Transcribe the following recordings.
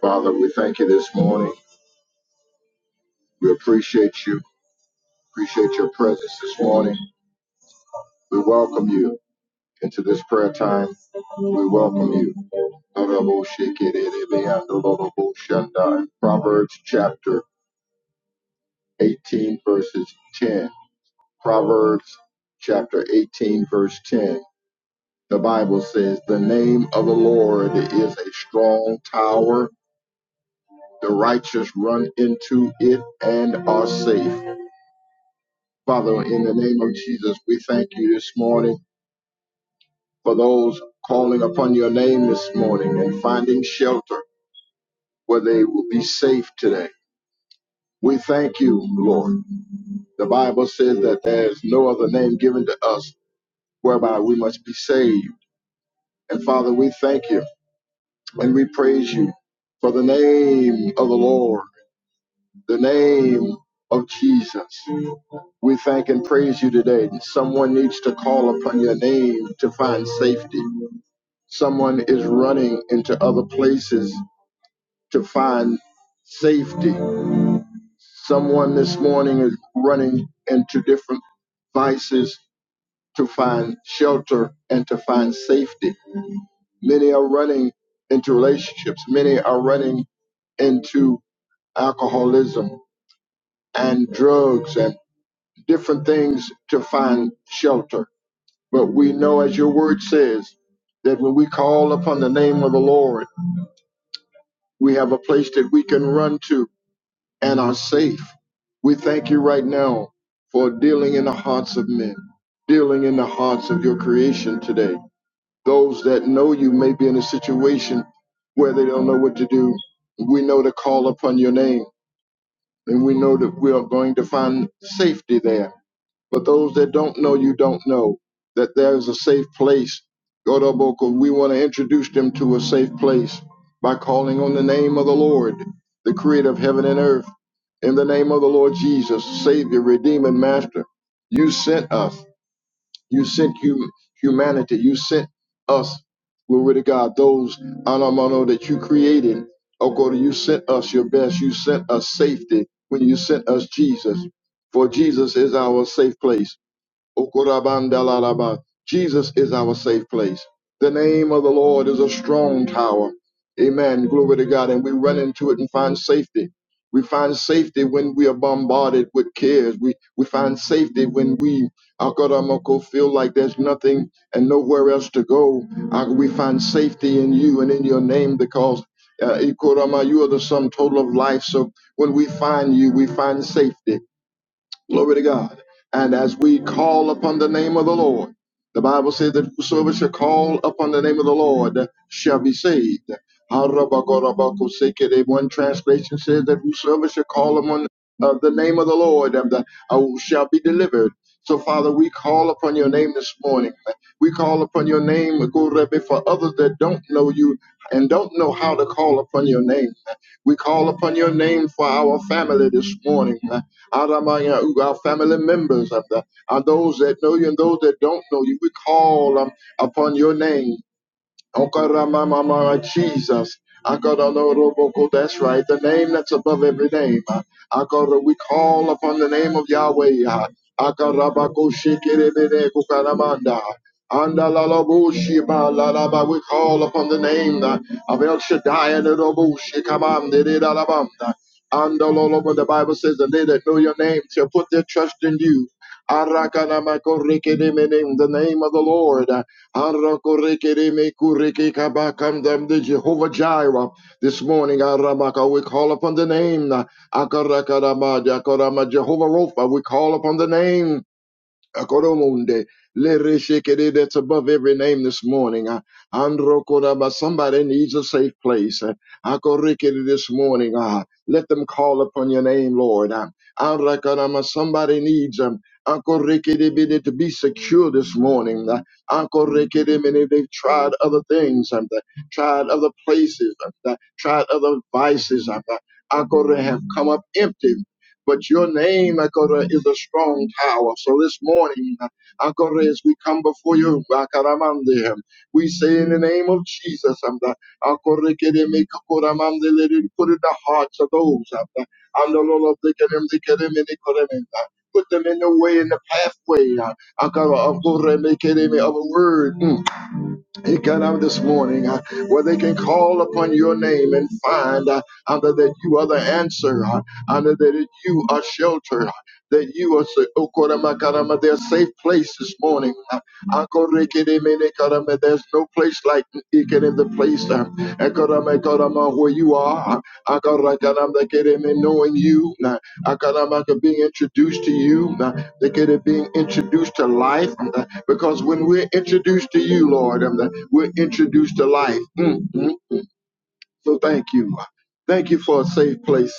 Father, we thank you this morning. We appreciate you. Appreciate your presence this morning. We welcome you into this prayer time. We welcome you. Proverbs chapter 18, verses 10. Proverbs chapter 18, verse 10. The Bible says, The name of the Lord is a strong tower. The righteous run into it and are safe. Father, in the name of Jesus, we thank you this morning for those calling upon your name this morning and finding shelter where they will be safe today. We thank you, Lord. The Bible says that there is no other name given to us whereby we must be saved. And Father, we thank you and we praise you for the name of the Lord, the name of Jesus. We thank and praise you today. Someone needs to call upon your name to find safety. Someone is running into other places to find safety. Someone this morning is running into different vices to find shelter and to find safety. Many are running into relationships. Many are running into alcoholism and drugs and different things to find shelter. But we know, as your word says, that when we call upon the name of the Lord, we have a place that we can run to and are safe. We thank you right now for dealing in the hearts of men, dealing in the hearts of your creation today. Those that know you may be in a situation where they don't know what to do. We know to call upon your name, and we know that we are going to find safety there but those that don't know you don't know that there's a safe place. God, oh, Boko, we want to introduce them to a safe place by calling on the name of the Lord, the creator of heaven and earth. In the name of the Lord Jesus, Savior, Redeemer, Master, you sent us. You sent hum- humanity. You sent us, glory to God, those anamano that you created. Oh God, you sent us your best. You sent us safety when you sent us Jesus. For Jesus is our safe place. Okurabandalalaba. Jesus is our safe place. The name of the Lord is a strong tower. Amen. Glory to God. And we run into it and find safety. We find safety when we are bombarded with cares. We we find safety when we Akaramoko feel like there's nothing and nowhere else to go. Uh, we find safety in you and in your name because uh, Ikorama, you are the sum total of life. So when we find you, we find safety. Glory to God. And as we call upon the name of the Lord, the Bible says that whosoever shall call upon the name of the Lord shall be saved. Harabakorobakosekere. One translation says that whosoever shall call upon uh, the name of the Lord um, the- uh, shall be delivered. So, Father, we call upon your name this morning. We call upon your name, Gorebe, for others that don't know you and don't know how to call upon your name. We call upon your name for our family this morning. Aramaya, who family members of the, are those that know you and those that don't know you. We call um, upon your name. Okaramamama, Jesus. Akaraloroboko, That's right. The name that's above every name. Akara, We call upon the name of Yahweh. Akarabako shikirebede kukaramanda. Andalalabushi balalaba. We call upon the name uh, of El Shaddai and the Robushi Kamamdirabanda. Andalolobo, the Bible says, and they that know your name shall put their trust in you. Arakanamako rikirimene, The name of the Lord the Jehovah Jireh. This morning, Aramaka, we call upon the name. Akarakaramadiakorama, Jehovah Rapha, we call upon the name. Akoromonde, Lereshekere, That's above every name this morning. Uh, Androkoraba, Somebody needs a safe place. Uh, Akorikere This morning, uh, No, let them call upon your name, Lord. Uh, Arakarama, Somebody needs um, Akorikere bide to be secure this morning. Uh, Akorikere many They've tried other things, um, they tried other places, um, they tried other vices. um, uh, Akore have come up empty. But your name, Akora, is a strong tower. So this morning, Akora, as we come before you, Akaramande, we say in the name of Jesus, um, that Akora, Kereme, Kakoramande, let it put in the hearts of those. um, that Andalolo, Tekerem, Tekerem, and Ekorem, uh, Put them in the way, in the pathway uh, Akara, Akora, Kereme, of a word. mm, Ekanam this morning, uh, where they can call upon your name and find uh, under that you are the answer, uh, under that you are shelter, uh, that you are sa- Okoramakarama, their safe place this morning. uh, Akorekedemenekarama, There's no place like Ikan in the place uh, Ekoramekorama, where you are. uh, Akorakaramekereme, Knowing you, uh, Akaramaka, being introduced to you, uh, Dekere, being introduced to life. uh, because when we're introduced to you, Lord, and we're introduced to life. Mm, mm. So thank you. Thank you for a safe place.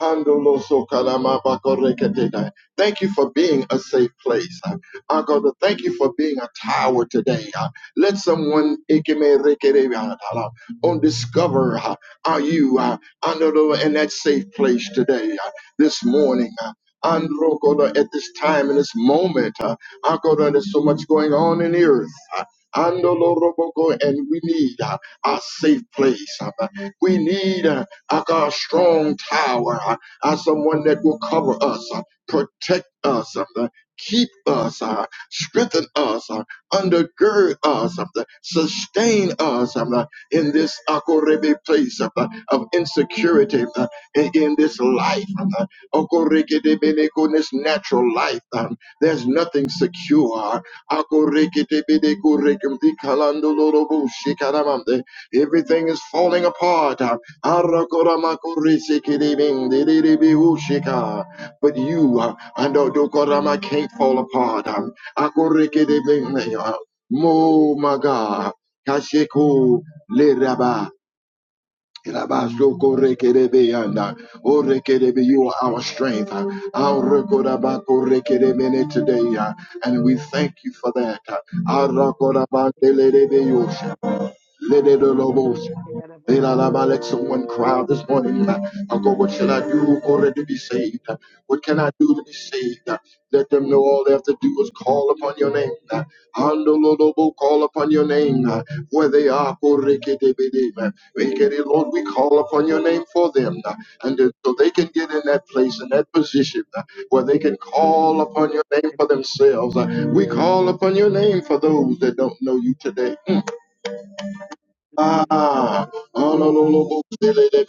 Handolosokalamabakoreketenai. Thank you for being a safe place. I go to thank you for being a tower today. Uh, Let someone ikemerekerebeadala, on discover uh, are you uh, Andolo, in that safe place today, uh, this morning. Uh, Andro, at this time and this moment, uh, I go to- there's so much going on in the earth. Uh, Andolo, and we need uh, our safe place. Uh, we need. uh, I got a strong tower, i as someone that will cover us, uh, protect us, uh, keep us, uh, strengthen us, uh, undergird us, uh, sustain us uh, in this Akorebe place uh, of insecurity, uh, in in this life, uh, Okorekedebedeko, in this natural life. um, There's nothing secure. Akorekedebedeko, rekemdikalandolorobo, shikaramamde. Everything is falling apart. uh, Arakoramakoresekedebendedebeushika. But you, uh, Andodokorama, can't fall apart. um, Akorekedebende, uh, Mo, my God. Kasheku leraba. just Rabasokorekedebeanda. Orekedebe, You are our really. has strength. uh, Aorekorabakorekedemene Today, uh, and we thank you for that. uh, to Lelelobos. take care of us. Lelalabalik. Someone cry out this morning. Uncle, what shall I do Already to be saved? What can I do Is to be it saved? Let them know all they have to do is call upon your name. Andolobo, call upon your name. Where they are, Koreketebede. Make it, Lord, we call upon your name for them. And so fit? they can get in that place, in that Is it position where they can call upon your name for fit? Is it fit? Is themselves. We call upon your name for those that don't know you today. it fit? Ah, the Is it fit? Is it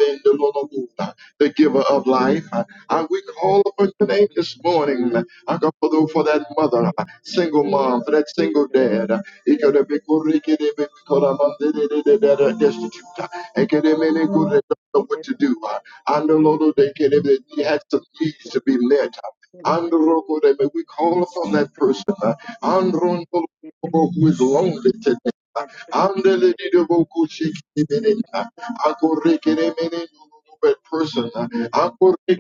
giver of fit? Is it fit? life. And we call upon your name this morning. I go for the- for that mother, single mom, for that single dad. It could have been good, it could have been good, I'm a little bit better destitute. It could have been good, they don't Is know what it to do. I know, Lord, they could have been- they had some needs to be met. And fit? we call upon that person. And the Is it fit? And it is fit. Is it fit? Is it fit? Is it fit? Is it fit? Is it fit? Is it fit? Is it fit? Is it fit? Lord, who is lonely today. Is it fit? Andele di de boku shiki di benita. Akoreke de mene nube person. Akoreke di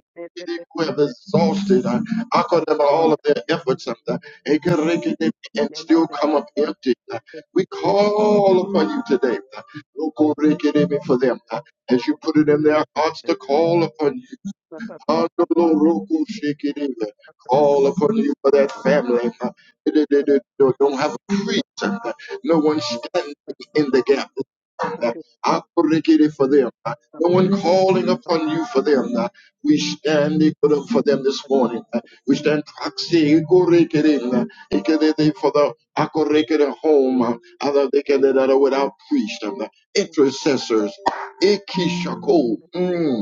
who have exhausted uh, Akoreba all of their efforts and, uh, Ekereke de me and still come up empty. uh. We call upon you today uh, Okoreke de me for them uh, as you put it in their hearts to call upon you. Adoloroko shikidele. Call upon you for that family. uh, that- that- that Don't have a priest. uh, No one standing in the gap. uh, Akorikiri For them. uh, No Is one calling it upon fit? you for them. uh, We stand ikoro for Yes, yes, them this morning. uh, We stand proxy ikorikiri, uh, ikidede for the akorikiri home. uh, Other they can that are without priest. um, Intercessors. Ikishako. Mm.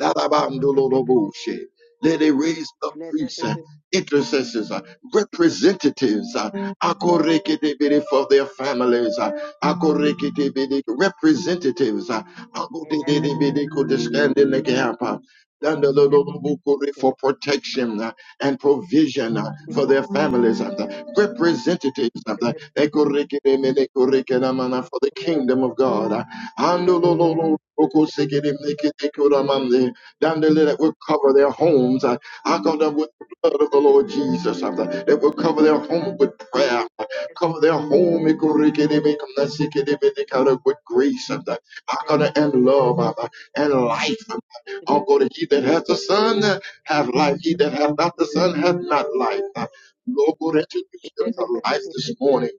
Lalabandololoboshe. Let it raise up priests, uh, intercessors, uh, representatives uh, akorekedebede for their families, uh, akorekedebede representatives uh, akodededebede could stand in the gap. uh, dandololobokore For protection uh, and provision uh, for their families, uh, the representatives of the akorekedemede korekedamana for the kingdom of God. uh, Andololo, okosekere, meketekoramamne. Dandele, That will cover their homes. I cover them with the blood of the Lord Jesus. uh, That will cover their home with prayer. uh, Cover their home ikorekere, mekandasekere, metekara, with grace uh, Hakana, and love uh, and life. uh, Uncle, that he that hath the Son uh, hath life. He that hath not the Son hath not life. Uh, Lord, go that you them the life this morning.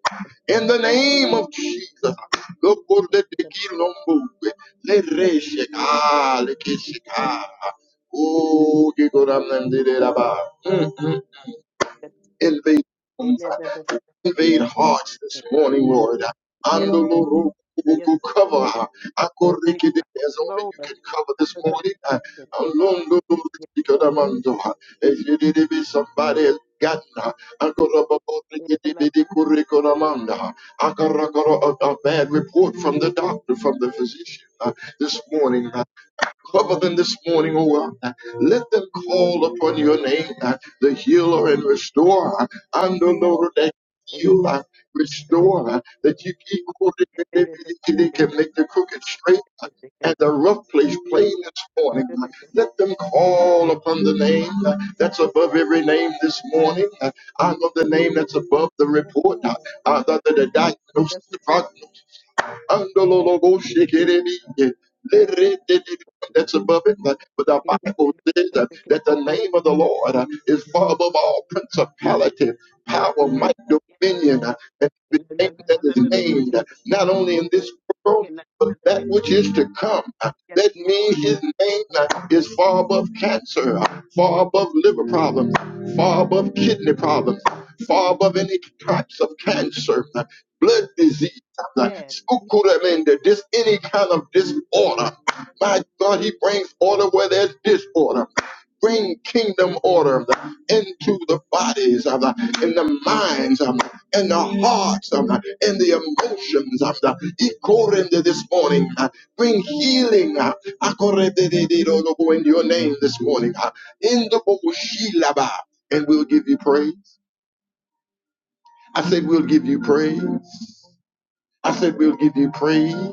In the name of Jesus. Lokoletekilombo. Leresheka, lekesheka. Oh, Gigoramnandireraba. Mm. Invade homes invade hearts this morning, Lord. Andoloro yes, kubuku, Cover her. and they Akorikide, as only you slower. can cover this morning. Uh, alondoloro Yes, slower. chikadamando. If you did it, be somebody has gotten her. Yes, Akorabakorikidibidi kurikonamanda. Akarakoro, A a bad report from the doctor, from the physician uh, this morning. uh, Cover them this morning, O oh God. Let them call upon your name, uh, the healer and restorer. And the Lord that heal, uh, restore, uh, that you keep quoting that they can make the crooked straight uh, and the rough place plain this morning. Uh, Let them call upon the name uh, that's above every name this morning. Uh, I know the name that's above the report, uh, uh, the, the, the diagnosis, the prognosis. Andololobo That's above it. But the Bible says that that the name of the Lord uh, is far above all principality, power, might, dominion, uh, and every name that is named, uh, not only in this world, but that which is to come. uh, that Lord. means his name Yes, is far above cancer, far above liver problems, far above kidney problems, far above any types of cancer, blood disease, yes. spukuramende, just any kind of disorder. My God, he brings order where there's disorder bring kingdom order into the bodies of the, in the minds of the, in the hearts of the, in the emotions of the Ikorende this morning. uh, Bring healing uh, Akorededededolobo in your name this morning. uh, In the Bokoshilaba, and we'll give you praise. I said we'll give you praise. I said we'll give you praise.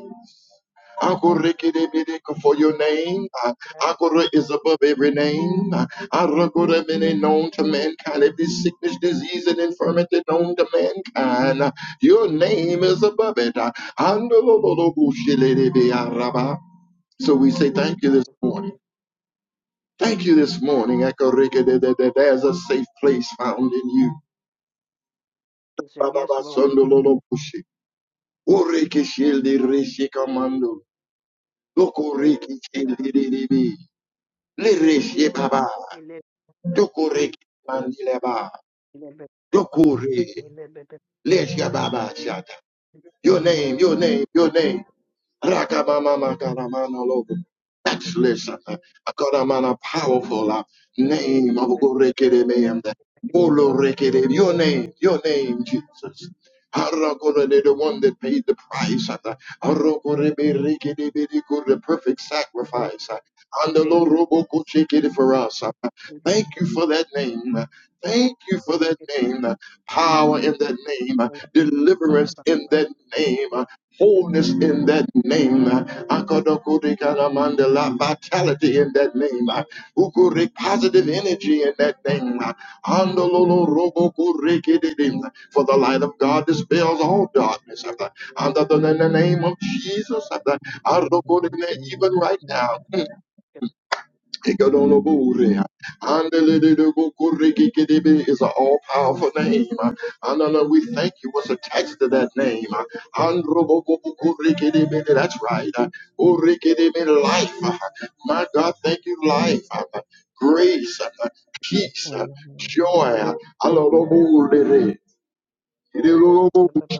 Akorekedebedeko For your name, uh, Akore is above every name. Uh, Arokore many known to mankind, every sickness, disease, and infirmity known to mankind. uh, Your name is above it. Uh, Andolobolobushilelebe araba. So we say thank you this morning. Thank you this morning. Akorekedede- There's a safe place found in you. Yes, Bababasondololobushi. Orekeshildereshikamandu. Lokorekeshilderebe. Lereshe baba. Dokore mandileba. Dokore. Leshia baba shata. Your name, your name, your name. Rakabamamakaramanologo. Excellent. uh, Akaramana powerful uh, name of Gorekereme. Olorekere. Your name, your name, Jesus. Harakore, The one that paid the price. uh, Harokoreberekerebedeko, The perfect sacrifice. uh, Andalorobokochekere For us. uh. Thank Lord. you for that name. uh, Thank you for Thank that name. uh, Power in that name. uh, Deliverance in that name. Wholeness in that name. Akadokodikaramandala, Vitality in that name. Ukuri, Positive energy in that name. Andololorobokurekididim. For the light of God dispels all darkness. Under the in the name of Jesus. Arokodi, Even right now. Iko dono buri, ande le de bukuri kidebe is an all powerful name. And we thank you. What's attached to that name? Andro bukuri kidebe. That's right. Bukuri kidebe, life. My God, thank you, life, grace, peace, joy. Iko dono buri, de bukuri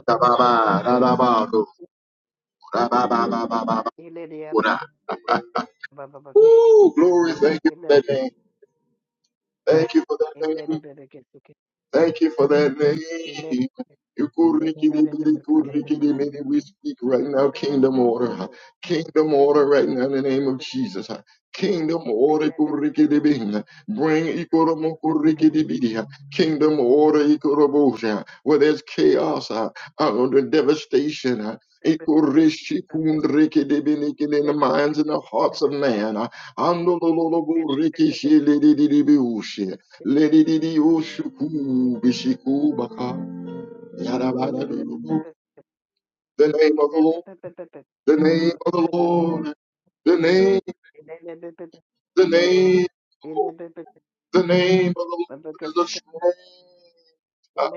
kidebe. Ooh, glory! Thank you for that name. Thank you for that name. Thank you for that name. Yukurikidibidikulikidibidi. We speak right now, kingdom order. Kingdom order right now in the name of Jesus. Kingdom order. kurikidibing. Bring ikoromokurikidibidi. kingdom order. ikorobosha. Where there's chaos, uh, uh, the devastation. uh, ikurishikundrikidibidikidi In the minds and the hearts of man. uh, andolololoburikishilidididibiushi. Lidididiyoshuku, bishiku, baka, yadabadadubu. The name of the Lord, the name of the Lord, the name, the name, the name of the Lord is a strong, uh,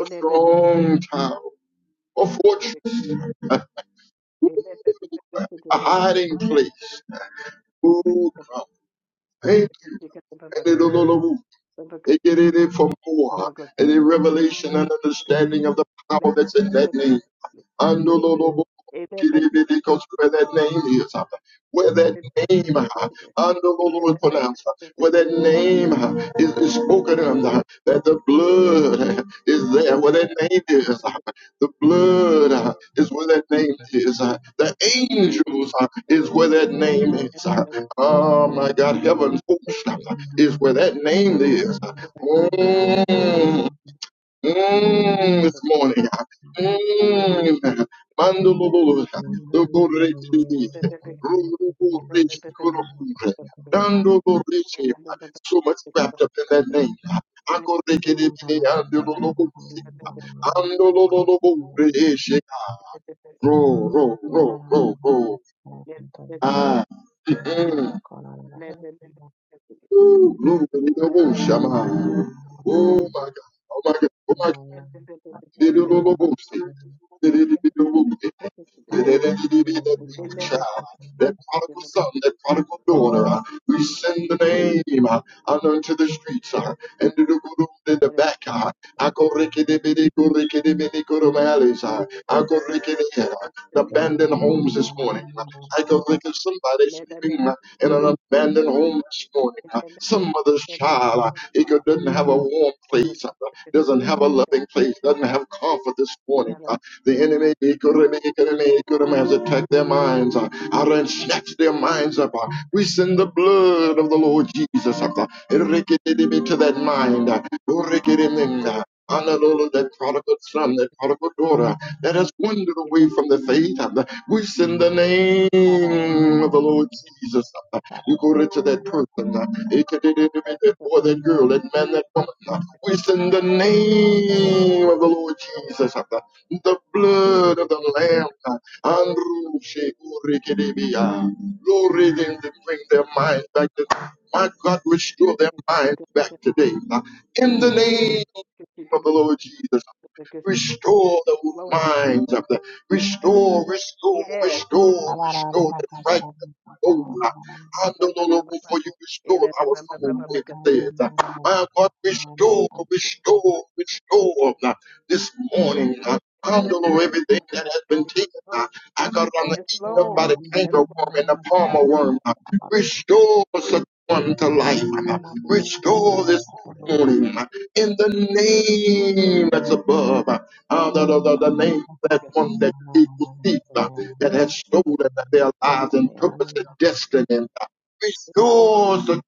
a strong tower, a fortress, a hiding place. Ooh, hey, and it- lululu. It get in it for more, and in revelation and understanding of the power that's in that name. Because where that Thank name is, uh, where that name uh, under the Lord pronounced, uh, where that name uh, is, is spoken of, uh, that the blood uh, is there, where that name is, uh, the blood uh, is where that name is, uh, the angels uh, is where that name is. uh, Oh my God, heaven's host uh, is where that name is. uh, Oh, Mm, this morning. Mm. Mandololosa. Dokorechidi. Ruruburechikoromure. you. Thank Dandoborechi. So much wrapped up in that name. Akorekedebide andololobosi. Andolololoborechi. Ro, ro, ro, ro, ro. Ah, mm. Ooh, Lulubelobosama. Oh my God. Oh my God. Oh my God. Lulubelobose. Thank that prodigal son, that prodigal daughter. uh, we send the name uh, out into the streets uh, and to the good old in the back. Uh, I go rickety-bitty, go rickety-bitty, go to my alleys. Uh, I go rickety, uh, the abandoned homes this morning. Uh, I go rickety, somebody sleeping uh, in an abandoned home this morning. Uh, some mother's child, uh, it could- doesn't have a warm place, uh, doesn't have a loving place, doesn't have comfort this morning. Uh, the enemy he could have- he could have- he could has attacked their minds. uh, out and snatch their minds up. uh, We send the blood of the Lord Jesus up uh, erikididimi, to that mind. uh, orikidimin, uh, Hallelujah, that prodigal son, that prodigal daughter that has wandered away from the faith. you. uh, We send the name Para of the Lord Jesus up. uh, You go right to that person, uh, erikididimi, that boy, that girl, that man, that woman. uh, We send the name of the Lord Jesus up. uh, The blood of the Lamb. Andrew Shekurikidibia. Lord, read them to bring their mind back to my God, restore their mind back today. In the name of the Lord Jesus, restore Yes, those Lord. minds of the restore, restore, Yes. restore, restore. the right. Oh, I don't know for you restore our soul instead. My God, restore, restore, restore uh, this morning. uh, Oh, I don't know everything that has been taken. uh, I got on the Yes, eaten up by Lord. the Yes, canker worm Lord. and the palmer worm. uh, Restore such one to life. uh, Restore this morning uh, in the name that's above. uh, uh, the, the, the, the name that one that people seek that has stolen their lives and purpose and destiny. restores the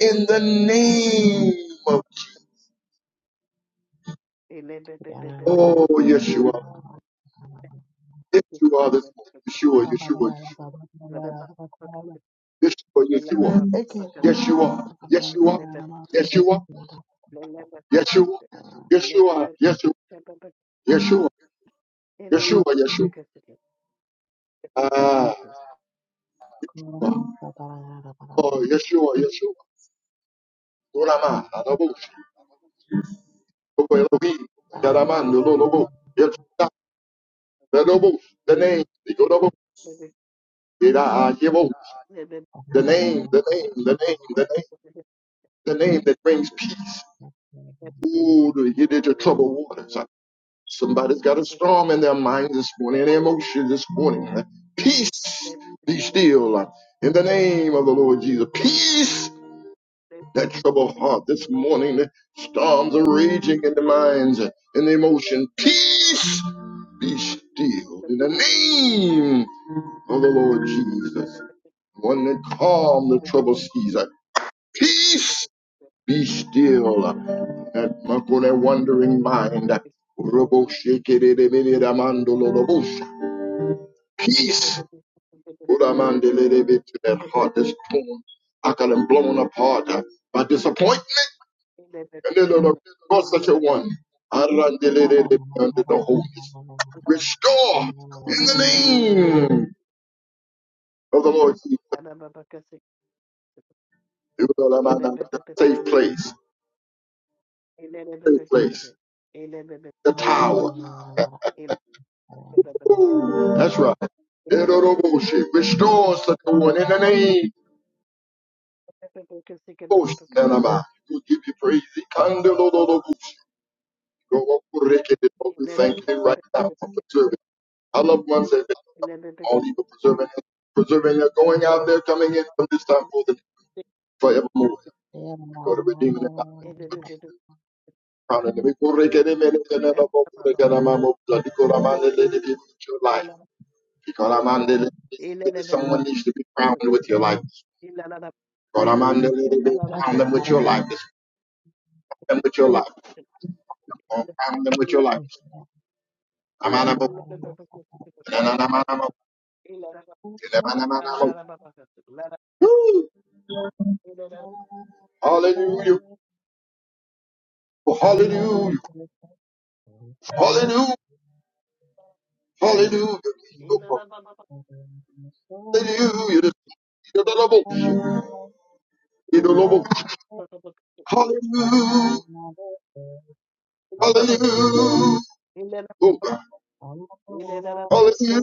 in the name of oh Yeshua, Yeshua this morning, Yeshua, Yeshua, Yes, Yeshua, Lord. Yeshua, Yeshua, Yeshua, Yeshua, Yeshua, Yeshua, Yeshua, Yeshua, Yeshua, Yeshua. Ah, oh oh, Yeshua, Yeshua. Dorama, Adabush, Obo Elohim, Yaramando, Lobo, Yeshua, the Lobo, the name, the Lobo, Did I Yehovah, the name, the name, the name, the name, the name that brings peace. Ooh, to get into troubled waters. Somebody's got a storm in their mind this morning, in their emotions this morning. Peace, be still in the name of the Lord Jesus. Peace, Because that troubled heart this morning. Storms are raging in the minds in the emotion. Peace, be still in the name of the Lord Jesus, one that calmed the troubled seas. Peace, be still that makone wandering mind. Robo shake it it, it, it, it, amandolo, robo sh- Peace, Uramandele, to that heart that's torn, I can blown apart uh, by disappointment. And then Lord, for such a one, Thank Arandele, under the holiness. Restore in the name of the Lord Jesus. Thank you. Uramanda, the Safe place, safe place, the tower. That's right. Eroroboshi, Restore such a one in the name of Nanama. We give you praise. Ikandololoboshi. Go up, Rekete. it. We thank you right now for preserving our loved ones and all evil preserving us, preserving us, going out there, coming in from this time forth and forevermore. Go to redeeming it. Crown and we go Rekete, Mene, Tene, Lobo, Rekete, Mamo, Bloody, Go, Ramane, Lady, Be with your life. Because Ramane, Lady, Be- someone needs to be crowned with your life. God, I'm under the crown them with your life. Just crown them with your life. Surround them with your life. Amanamo, nananamanamo, you. elemananamo. Hallelujah. Oh, hallelujah. Hallelujah. Hallelujah. Hallelujah. Hallelujah. Hallelujah. Ele Oh God. Thank Hallelujah.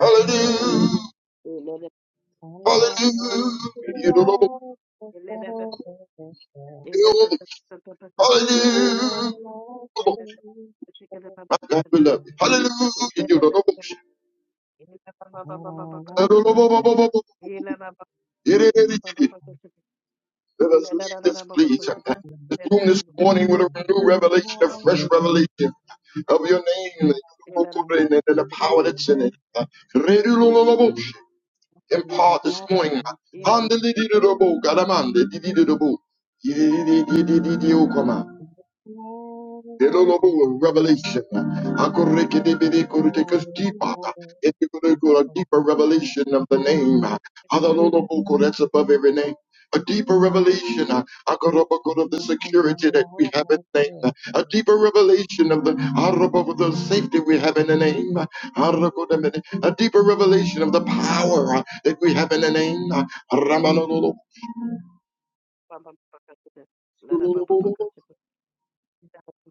Hallelujah. Hallelujah. Hallelujah. My God, we love you. Hallelujah. Let us leave this place, this room this morning with a new revelation, a fresh revelation of your name and the power that's in it. Impart this morning. God, I'm on. the Elolobo, Revelation. Akorekedebede, kore- Take us deeper. Into a deeper revelation of the name. Adololobo, kore, That's above every name. A deeper revelation uh, Akorobo, kore, of the security that we have in the name. A you. deeper revelation of the Arobo, of the safety we have in the name. Arokodemene, A deeper revelation of the power uh, that we have in the name. Uh, Ramanololo.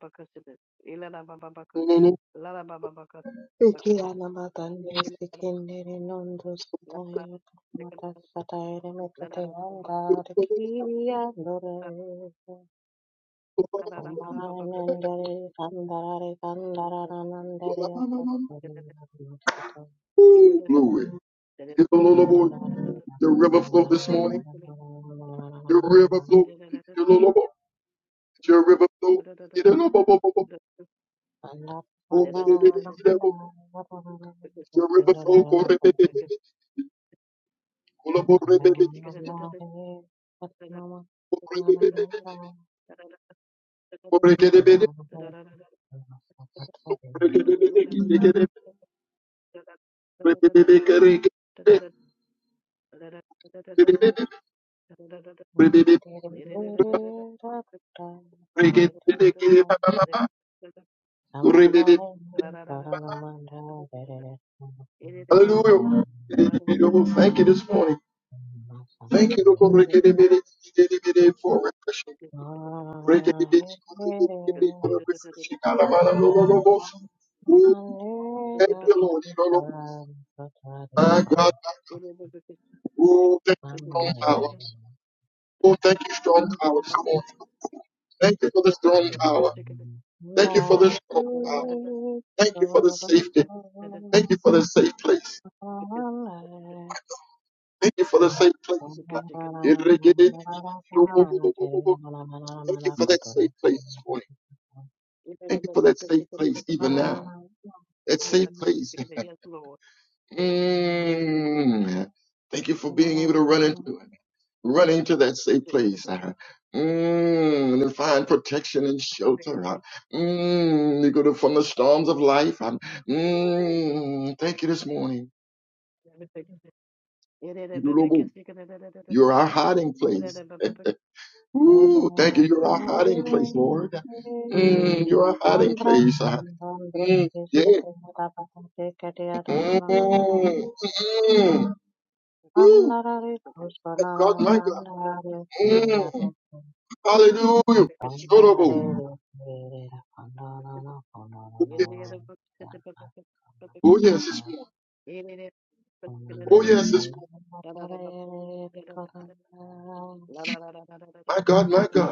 Bakasidas, Ilana Baba Bakaka, Lana Baba Bakas, Bakasidas, Sikiyana matandere Ilana, sikendere nondo Lana, sataere Second, kamata sataere mekete Lana, andare kiyandore Ooh, Baba, Lana ombaranendere kandarare kandaranandere akosore makoto Glory. The river flow this morning. The river flow. andarara It's your river flow. It's your river flow. Oh, get it, baby, get it, oh. It's your river flow. Go, re, baby, baby. Go, lo, bo, re, baby, baby. Go, re, baby, baby, baby. Andara, Go, re, get it, baby. Thank Re, get it, baby. Get it, baby. Babakas, Yes, Re, baby, baby, get it, get it, baby. Re, baby, baby. Re, baby, baby. Re, get it, baby. Get it, ba, ba, ba. Go, re, baby. Hallelujah. Thank you this morning. Thank you, Lord, for refreshing. Thank you, Lord. My God. Oh, thank you, strong power. Oh, thank you, strong power this morning. Thank you for the strong power. Thank you for the strong power. Thank you for the safety. Thank you for the safe place. you. Thank you for the safe place. Andra Thank you for that safe place this morning. Thank you for that safe place even now. That safe place. Lord. Thank Mm. Thank you for being able to run into it. running to that safe place. uh, Mm, and to find protection and shelter. uh, Mm, you go to from the storms of life. um, Mm, thank you this morning. You're our hiding place. Woo, thank you. You're our hiding place, Lord. Mm, you're our hiding Andra place. uh, mm, yeah. Kisate Tapate Kadiata Mm, Mananare mm, mm. Woo, Andare my God, my God. Kusananare Mm, Kiriato hallelujah. Oh Andare Kiriata Pandana yeah, Pandana oh, yes, this morning. Thank Oh yes, this morning. My God, my God.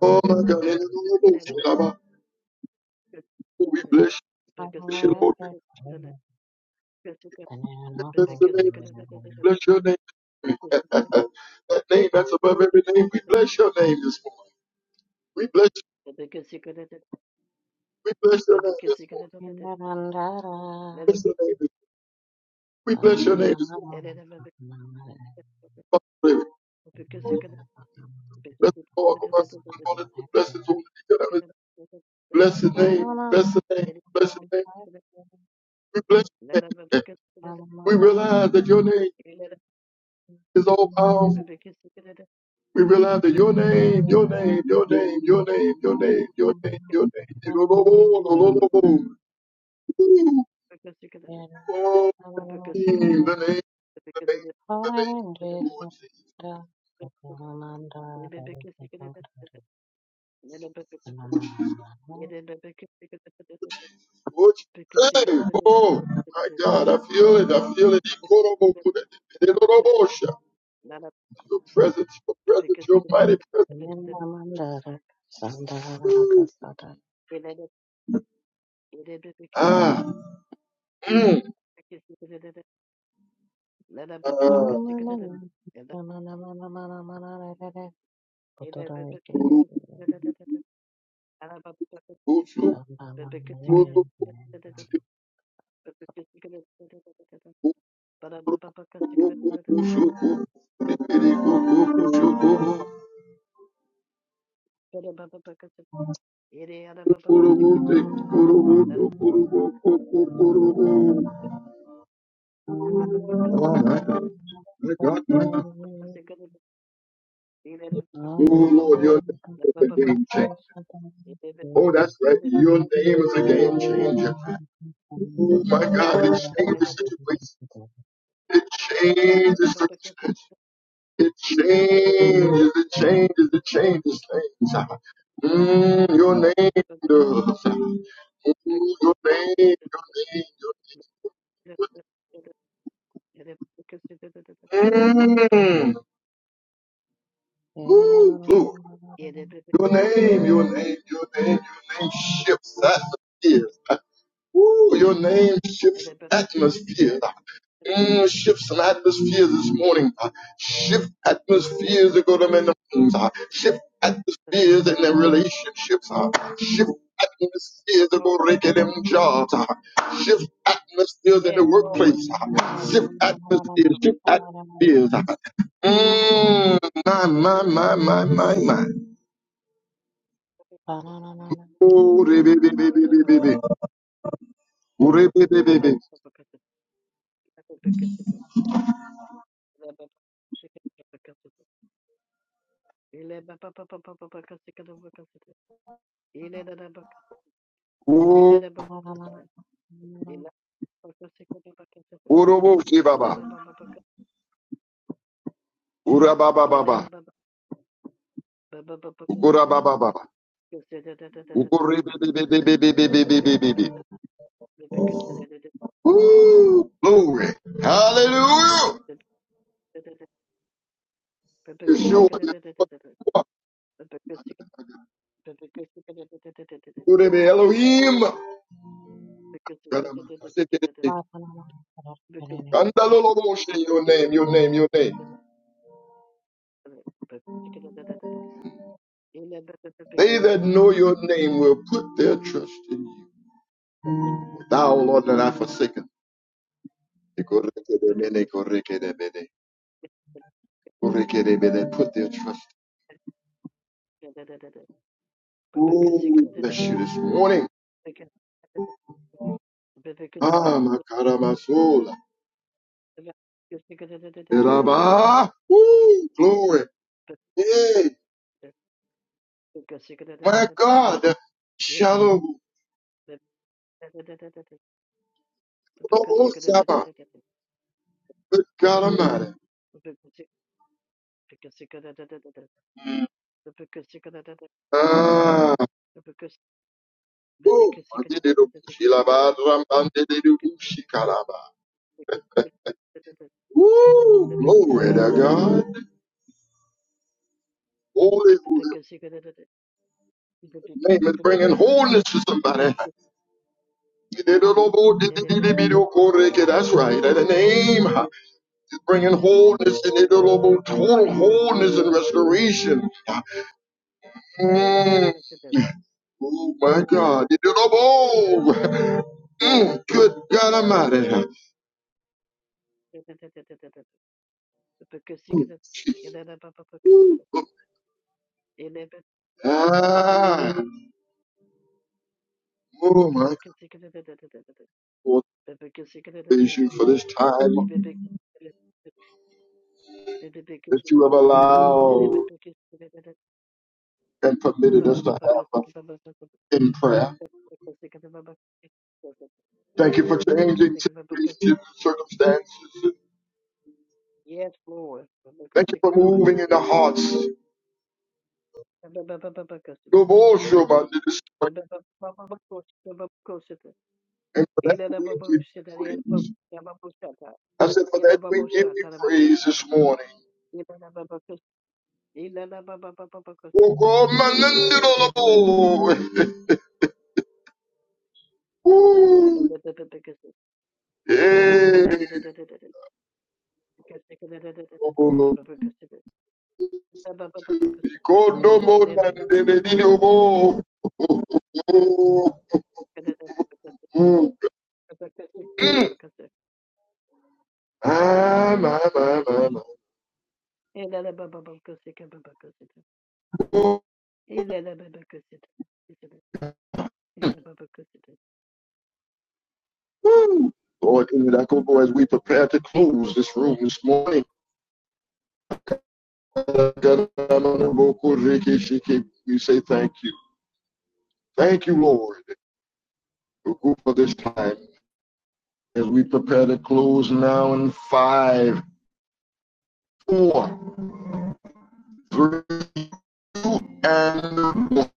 Oh my God, hallelujah. we bless you, Lord. We bless your name. We bless your name. that name that's above every name. you. We bless your name this morning. We bless you. Because We bless your name this morning. We bless your name this morning. We bless your name this you. morning. Bless the Lord, oh my soul, and all that is blessed, bless his holy together. Bless his name. Bless his name. Bless his name. We bless your name. We realize that your name is all powerful. We realize that your name, your name, your name, your name, your name, your name, your name. Ooh, oh, The name, the name, the name. Thank oh, Jesus, oh, Jesus, oh, Jesus. Hey, you oh, my God, I feel it, I feel it. could Nana Your presence, your presence, Bibikisik your mighty presence. Elena Elibikis Ah, mm, Nana Baba ah. Pakasik and the Elena Pepsi, Nana Papa Pepsi, Oh my God, my God, my God. Oh Lord, your name is a game changer. you. Oh, that's right. Your name Pepsi, is a game changer. Oh my God, it Yes, Lord, changes situations. It changes. the- It changes. It changes. It changes things. Mm, your name does. Mm, your name. Your name. Your name. Mm. Ooh, glory. Your name, your name, your name, your name shifts atmospheres. Woo, your name shifts atmospheres. Mm, shift some atmospheres this morning. Shift atmospheres to go to men. Shift atmospheres in their relationships. Shift atmospheres to go to them jobs. Shift atmospheres in yes, the Lord. workplace. Shift atmospheres, shift Thank atmospheres. Mm, my, my, my, my, my, my. Oh, rebebebebebebe. Urebebebebe. Oh, Ele orobo shibaba. Urabababa. Ukurabababa. Ukurebebebebebebebebebebe. Ooh, glory. Hallelujah. Because Yeshua. Urebe Elohim. Kandaloloboshe, Your name, your name, your name. They that know your name will put their trust in you. Thou, Lord, that I forsaken. That Put their trust. Oh, we bless you this morning. Ah, my God, ah, my soul. Because Eraba. Woo, glory. Hey, my God. Shalom. Oh, Sama. Good God Almighty. Ah, oh, my Woo, glory to God. Holy, holy name is bringing wholeness to somebody. That's right. In the name. bringing wholeness and inevitable total wholeness and restoration. Mm, oh my God. Inevitable. Mm, good God Almighty. Ah, oh my God. Lord, Praise you for this time that you have allowed and permitted us to have uh, in prayer. Thank you for changing situations, circumstances. Yes, Lord. Thank you for Yes, moving in the hearts of all your Shobhan and for that we give you praise. I said, for that we give you Lord. praise this morning. Ilala baba kusita, ilala baba kusita, Oh, God, my lended all aboard. Woo. Yeah. Oh, God, no more lended it in your Oh, mm, mm. Ah, my, my, my, my. Oh, ilala baba kusita, woo. Lord, in that go as we prepare to close this room this morning. We say thank you. Thank you, Lord, for this time. as we prepare to close now in five, four, three, and one.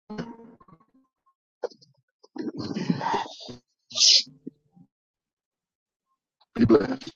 Be blessed.